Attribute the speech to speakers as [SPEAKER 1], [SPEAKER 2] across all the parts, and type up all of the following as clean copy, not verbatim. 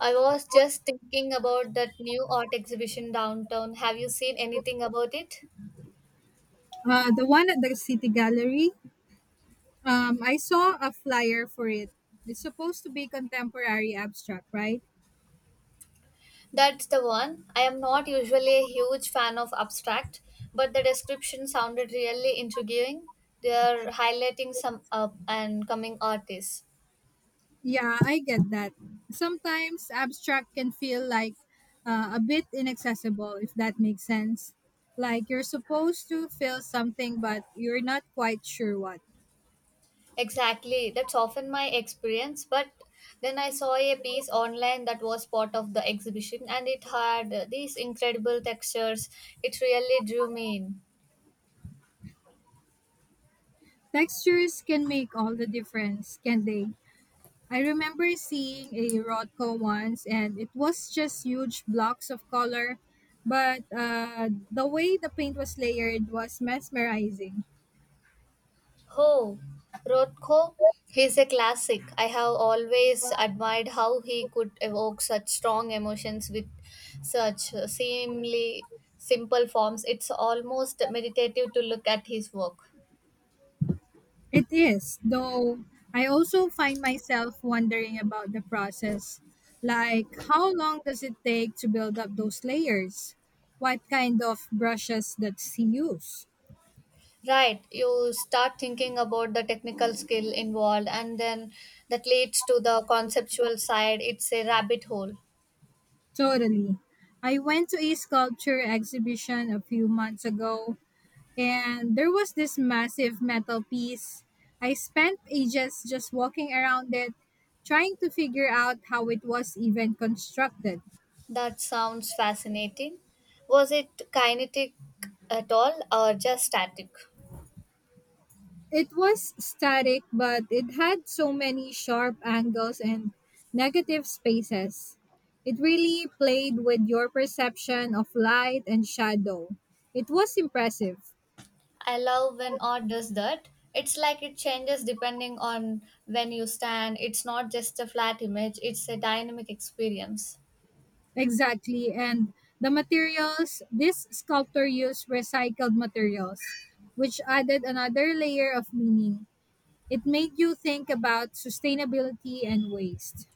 [SPEAKER 1] I was just thinking about that new art exhibition downtown. Have you seen anything about it?
[SPEAKER 2] The one at the City Gallery. I saw a flyer for it. It's supposed to be contemporary abstract, right?
[SPEAKER 1] That's the one. I am not usually a huge fan of abstract, but the description sounded really intriguing. They are highlighting some up and coming artists.
[SPEAKER 2] Yeah, I get that. Sometimes abstract can feel like a bit inaccessible, if that makes sense. Like you're supposed to feel something, but you're not quite sure what.
[SPEAKER 1] Exactly, that's often my experience, but then I saw a piece online that was part of the exhibition and it had these incredible textures. It really drew me in.
[SPEAKER 2] Textures can make all the difference, can they? I remember seeing a Rodco once, and it was just huge blocks of color, but the way the paint was layered was mesmerizing.
[SPEAKER 1] Oh, Rothko, he's a classic. I have always admired how he could evoke such strong emotions with such seemingly simple forms. It's almost meditative to look at his work.
[SPEAKER 2] It is, though I also find myself wondering about the process. Like, how long does it take to build up those layers? What kind of brushes does he use?
[SPEAKER 1] Right, you start thinking about the technical skill involved, and then that leads to the conceptual side. It's a rabbit hole.
[SPEAKER 2] Totally. I went to a sculpture exhibition a few months ago, and there was this massive metal piece. I spent ages just walking around it, trying to figure out how it was even constructed.
[SPEAKER 1] That sounds fascinating. Was it kinetic at all or just static?
[SPEAKER 2] It was static, but it had so many sharp angles and negative spaces. It really played with your perception of light and shadow. It was impressive.
[SPEAKER 1] I love when art does that. It's like it changes depending on when you stand. It's not just a flat image, it's a dynamic experience.
[SPEAKER 2] Exactly. And the materials, this sculptor used recycled materials, which added another layer of meaning. It made you think about sustainability and waste.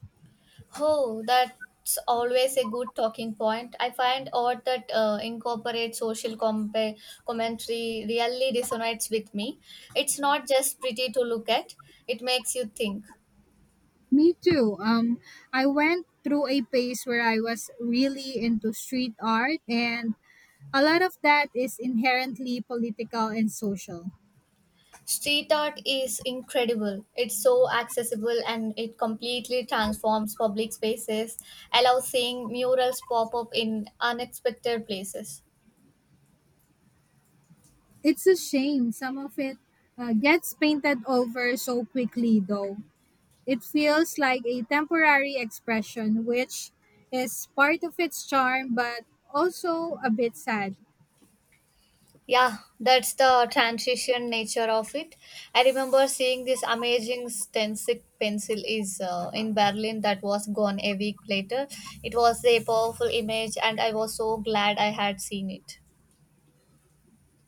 [SPEAKER 1] Oh, that's always a good talking point. I find art that incorporates social commentary really resonates with me. It's not just pretty to look at, it makes you think.
[SPEAKER 2] Me too. I went through a phase where I was really into street art, and a lot of that is inherently political and social.
[SPEAKER 1] Street art is incredible. It's so accessible and it completely transforms public spaces, allows seeing murals pop up in unexpected places.
[SPEAKER 2] It's a shame some of it gets painted over so quickly, though. It feels like a temporary expression, which is part of its charm, but also a bit sad.
[SPEAKER 1] Yeah, that's the transition nature of it. I remember seeing this amazing stencil pencil is in Berlin that was gone a week later. It was a powerful image and I was so glad I had seen it.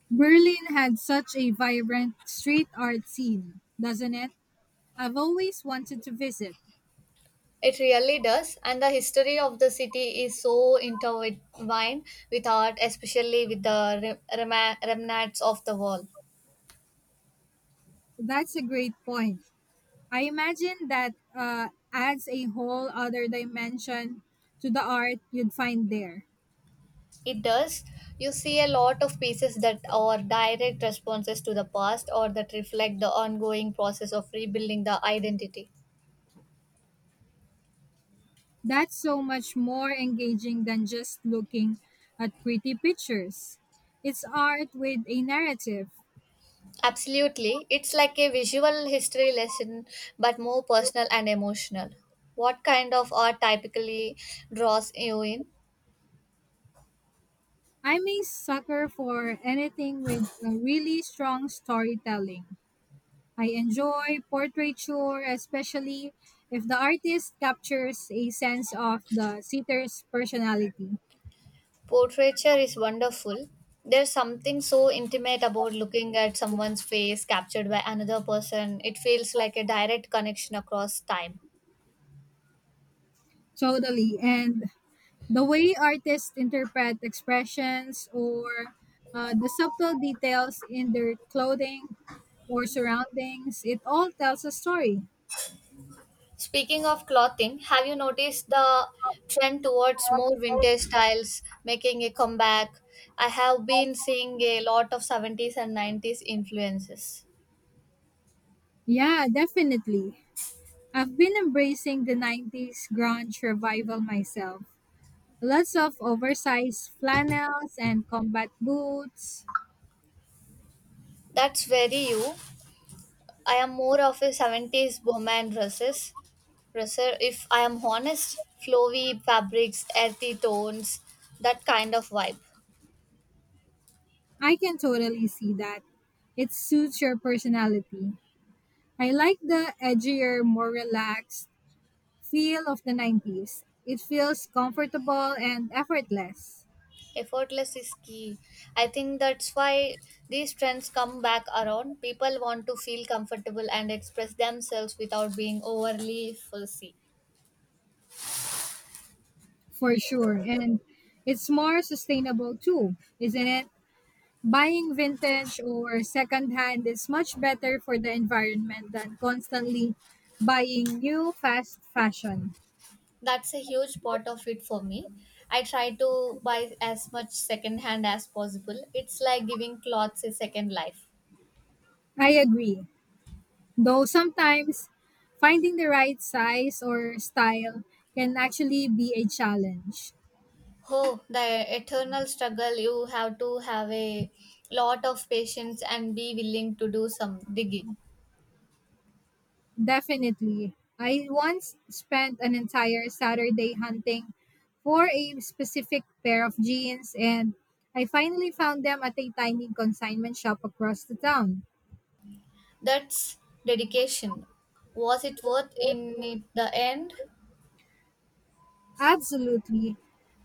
[SPEAKER 2] Berlin had such a vibrant street art scene, doesn't it? I've always wanted to visit.
[SPEAKER 1] It really does, and the history of the city is so intertwined with art, especially with the remnants of the wall.
[SPEAKER 2] That's a great point. I imagine that adds a whole other dimension to the art you'd find there.
[SPEAKER 1] It does. You see a lot of pieces that are direct responses to the past or that reflect the ongoing process of rebuilding the identity.
[SPEAKER 2] That's so much more engaging than just looking at pretty pictures. It's art with a narrative.
[SPEAKER 1] Absolutely. It's like a visual history lesson, but more personal and emotional. What kind of art typically draws you in?
[SPEAKER 2] I'm a sucker for anything with a really strong storytelling. I enjoy portraiture, especially if the artist captures a sense of the sitter's personality.
[SPEAKER 1] Portraiture is wonderful. There's something so intimate about looking at someone's face captured by another person. It feels like a direct connection across time.
[SPEAKER 2] Totally. And the way artists interpret expressions or the subtle details in their clothing or surroundings, it all tells a story.
[SPEAKER 1] Speaking of clothing, have you noticed the trend towards more vintage styles making a comeback? I have been seeing a lot of 70s and 90s influences.
[SPEAKER 2] Yeah, definitely. I've been embracing the 90s grunge revival myself. Lots of oversized flannels and combat boots.
[SPEAKER 1] That's very you. I am more of a 70s bohemian dresses. Dresser. If I am honest, flowy fabrics, earthy tones, that kind of vibe.
[SPEAKER 2] I can totally see that. It suits your personality. I like the edgier, more relaxed feel of the 90s. It feels comfortable and effortless,
[SPEAKER 1] Effortless is key. I think that's why these trends come back around. People want to feel comfortable and express themselves without being overly fussy.
[SPEAKER 2] for sure. And it's more sustainable too, isn't it? Buying vintage or secondhand is much better for the environment than constantly buying new fast fashion.
[SPEAKER 1] That's a huge part of it for me. I try to buy as much second hand as possible. It's like giving clothes a second life.
[SPEAKER 2] I agree. Though sometimes finding the right size or style can actually be a challenge.
[SPEAKER 1] Oh, the eternal struggle. You have to have a lot of patience and be willing to do some digging.
[SPEAKER 2] Definitely. I once spent an entire Saturday hunting for a specific pair of jeans, and I finally found them at a tiny consignment shop across the town.
[SPEAKER 1] That's dedication. Was it worth in it the end?
[SPEAKER 2] Absolutely.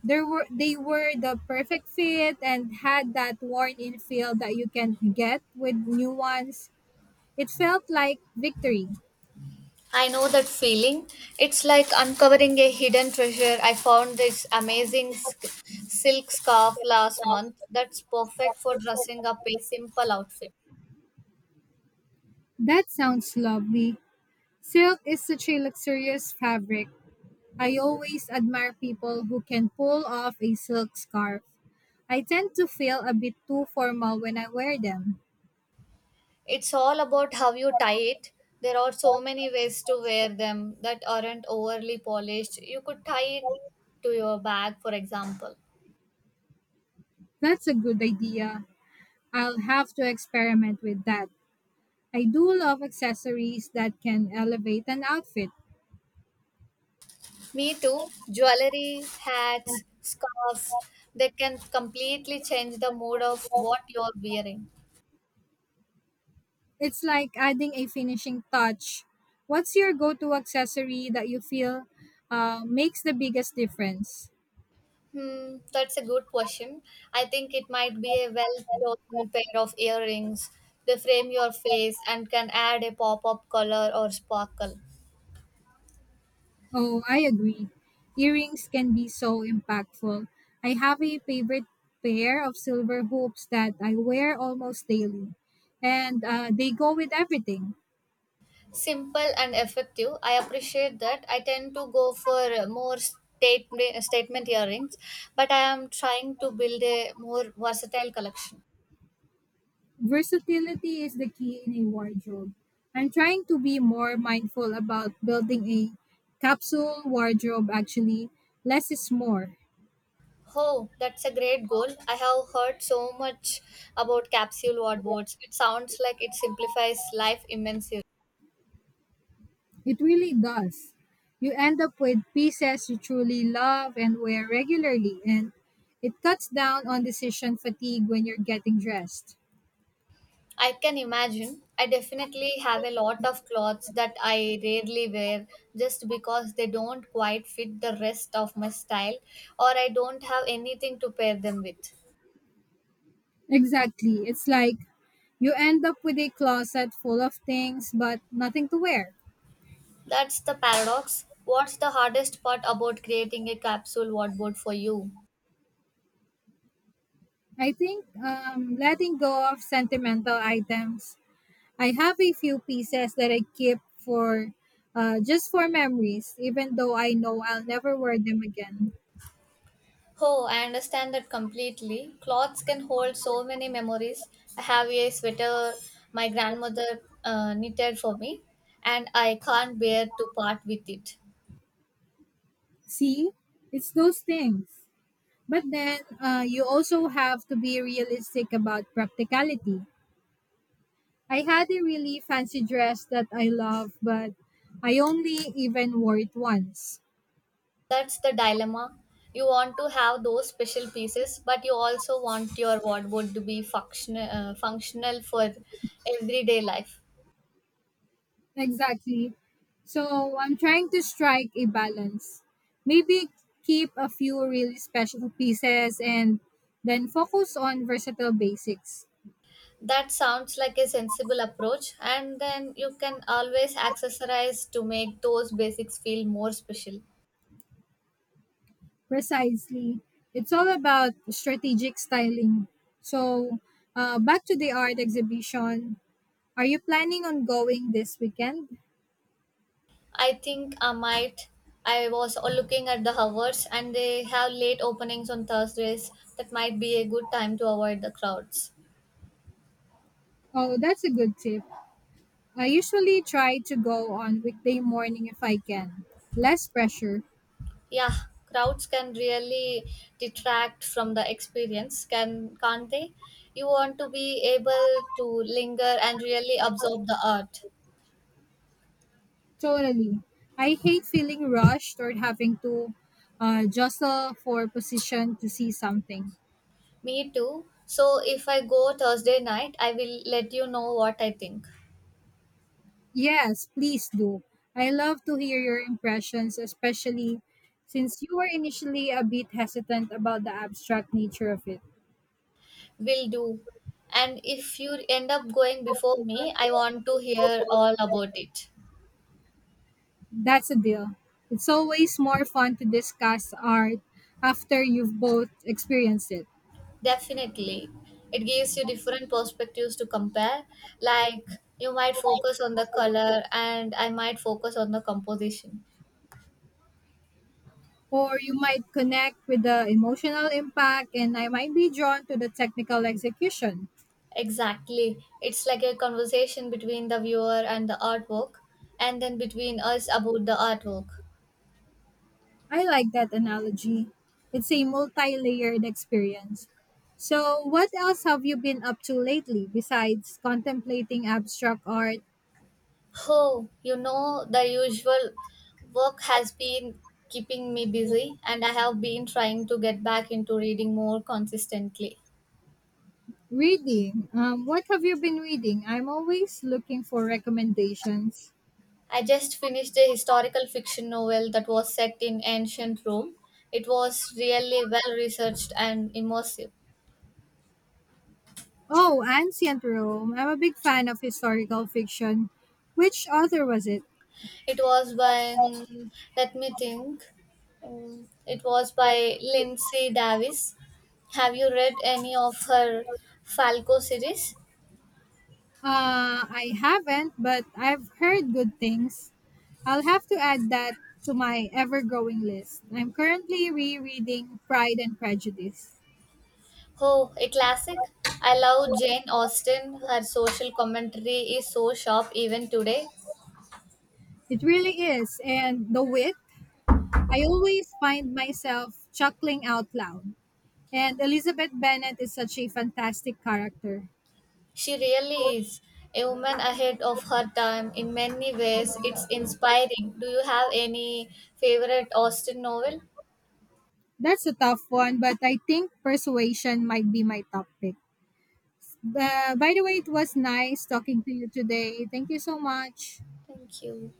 [SPEAKER 2] There were They were the perfect fit and had that worn in feel that you can get with new ones. It felt like victory.
[SPEAKER 1] I know that feeling. It's like uncovering a hidden treasure. I found this amazing silk scarf last month that's perfect for dressing up a simple outfit.
[SPEAKER 2] That sounds lovely. Silk is such a luxurious fabric. I always admire people who can pull off a silk scarf. I tend to feel a bit too formal when I wear them.
[SPEAKER 1] It's all about how you tie it. There are so many ways to wear them that aren't overly polished. You could tie it to your bag, for example.
[SPEAKER 2] That's a good idea. I'll have to experiment with that. I do love accessories that can elevate an outfit.
[SPEAKER 1] Me too. Jewelry, hats, scarves, they can completely change the mood of what you're wearing.
[SPEAKER 2] It's like adding a finishing touch. What's your go to accessory that you feel makes the biggest difference?
[SPEAKER 1] Hmm, that's a good question. I think it might be a well chosen pair of earrings. They frame your face and can add a pop of color or sparkle.
[SPEAKER 2] Oh, I agree. Earrings can be so impactful. I have a favorite pair of silver hoops that I wear almost daily, and they go with everything.
[SPEAKER 1] Simple and effective. I appreciate that. I tend to go for more statement earrings, but I am trying to build a more versatile collection.
[SPEAKER 2] Versatility is the key in a wardrobe. I'm trying to be more mindful about building a capsule wardrobe, actually. Less is more.
[SPEAKER 1] Oh, that's a great goal. I have heard so much about capsule wardrobes. It sounds like it simplifies life immensely.
[SPEAKER 2] It really does. You end up with pieces you truly love and wear regularly, and it cuts down on decision fatigue when you're getting dressed.
[SPEAKER 1] I can imagine. I definitely have a lot of clothes that I rarely wear just because they don't quite fit the rest of my style or I don't have anything to pair them with.
[SPEAKER 2] Exactly. It's like you end up with a closet full of things, but nothing to wear.
[SPEAKER 1] That's the paradox. What's the hardest part about creating a capsule wardrobe for you?
[SPEAKER 2] I think letting go of sentimental items. I have a few pieces that I keep for just for memories, even though I know I'll never wear them again.
[SPEAKER 1] Oh, I understand that completely. Clothes can hold so many memories. I have a sweater my grandmother knitted for me, and I can't bear to part with it.
[SPEAKER 2] See, it's those things. But then you also have to be realistic about practicality. I had a really fancy dress that I love, but I only even wore it once.
[SPEAKER 1] That's the dilemma. You want to have those special pieces, but you also want your wardrobe to be functional, functional for everyday life.
[SPEAKER 2] Exactly. So I'm trying to strike a balance. Maybe keep a few really special pieces and then focus on versatile basics.
[SPEAKER 1] That sounds like a sensible approach, and then you can always accessorize to make those basics feel more special.
[SPEAKER 2] Precisely. It's all about strategic styling. So, back to the art exhibition. Are you planning on going this weekend?
[SPEAKER 1] I think I might. I was all looking at the hours, and they have late openings on Thursdays. That might be a good time to avoid the crowds.
[SPEAKER 2] Oh, that's a good tip. I usually try to go on weekday morning if I can. Less pressure.
[SPEAKER 1] Yeah, crowds can really detract from the experience, can't they? You want to be able to linger and really absorb the art.
[SPEAKER 2] Totally. I hate feeling rushed or having to jostle for position to see something.
[SPEAKER 1] Me too. So if I go Thursday night, I will let you know what I think.
[SPEAKER 2] Yes, please do. I love to hear your impressions, especially since you were initially a bit hesitant about the abstract nature of it.
[SPEAKER 1] Will do. And if you end up going before me, I want to hear all about it.
[SPEAKER 2] That's a deal. It's always more fun to discuss art after you've both experienced it.
[SPEAKER 1] Definitely. It gives you different perspectives to compare. Like you might focus on the color and I might focus on the composition.
[SPEAKER 2] Or you might connect with the emotional impact, and I might be drawn to the technical execution.
[SPEAKER 1] Exactly. It's like a conversation between the viewer and the artwork and then between us about the artwork.
[SPEAKER 2] I like that analogy. It's a multi layered experience. So, what else have you been up to lately besides contemplating abstract art?
[SPEAKER 1] Oh, you know, the usual. Work has been keeping me busy, and I have been trying to get back into reading more consistently.
[SPEAKER 2] Reading. What have you been reading? I'm always looking for recommendations.
[SPEAKER 1] I just finished a historical fiction novel that was set in ancient Rome. It was really well researched and immersive.
[SPEAKER 2] Oh, Ancient Rome. I'm a big fan of historical fiction. Which author was it?
[SPEAKER 1] It was by, hmm, let me think, Um, it was by Lindsay Davis. Have you read any of her Falco series?
[SPEAKER 2] I haven't, but I've heard good things. I'll have to add that to my ever growing list. I'm currently rereading Pride and Prejudice.
[SPEAKER 1] Oh, a classic. I love Jane Austen. Her social commentary is so sharp even today.
[SPEAKER 2] It really is, and the wit, I always find myself chuckling out loud. And Elizabeth Bennet is such a fantastic character.
[SPEAKER 1] She really is a woman ahead of her time in many ways. It's inspiring. Do you have any favorite Austen novel?
[SPEAKER 2] That's a tough one, but I think persuasion might be my top pick. By the way, it was nice talking to you today. Thank you so much.
[SPEAKER 1] Thank you.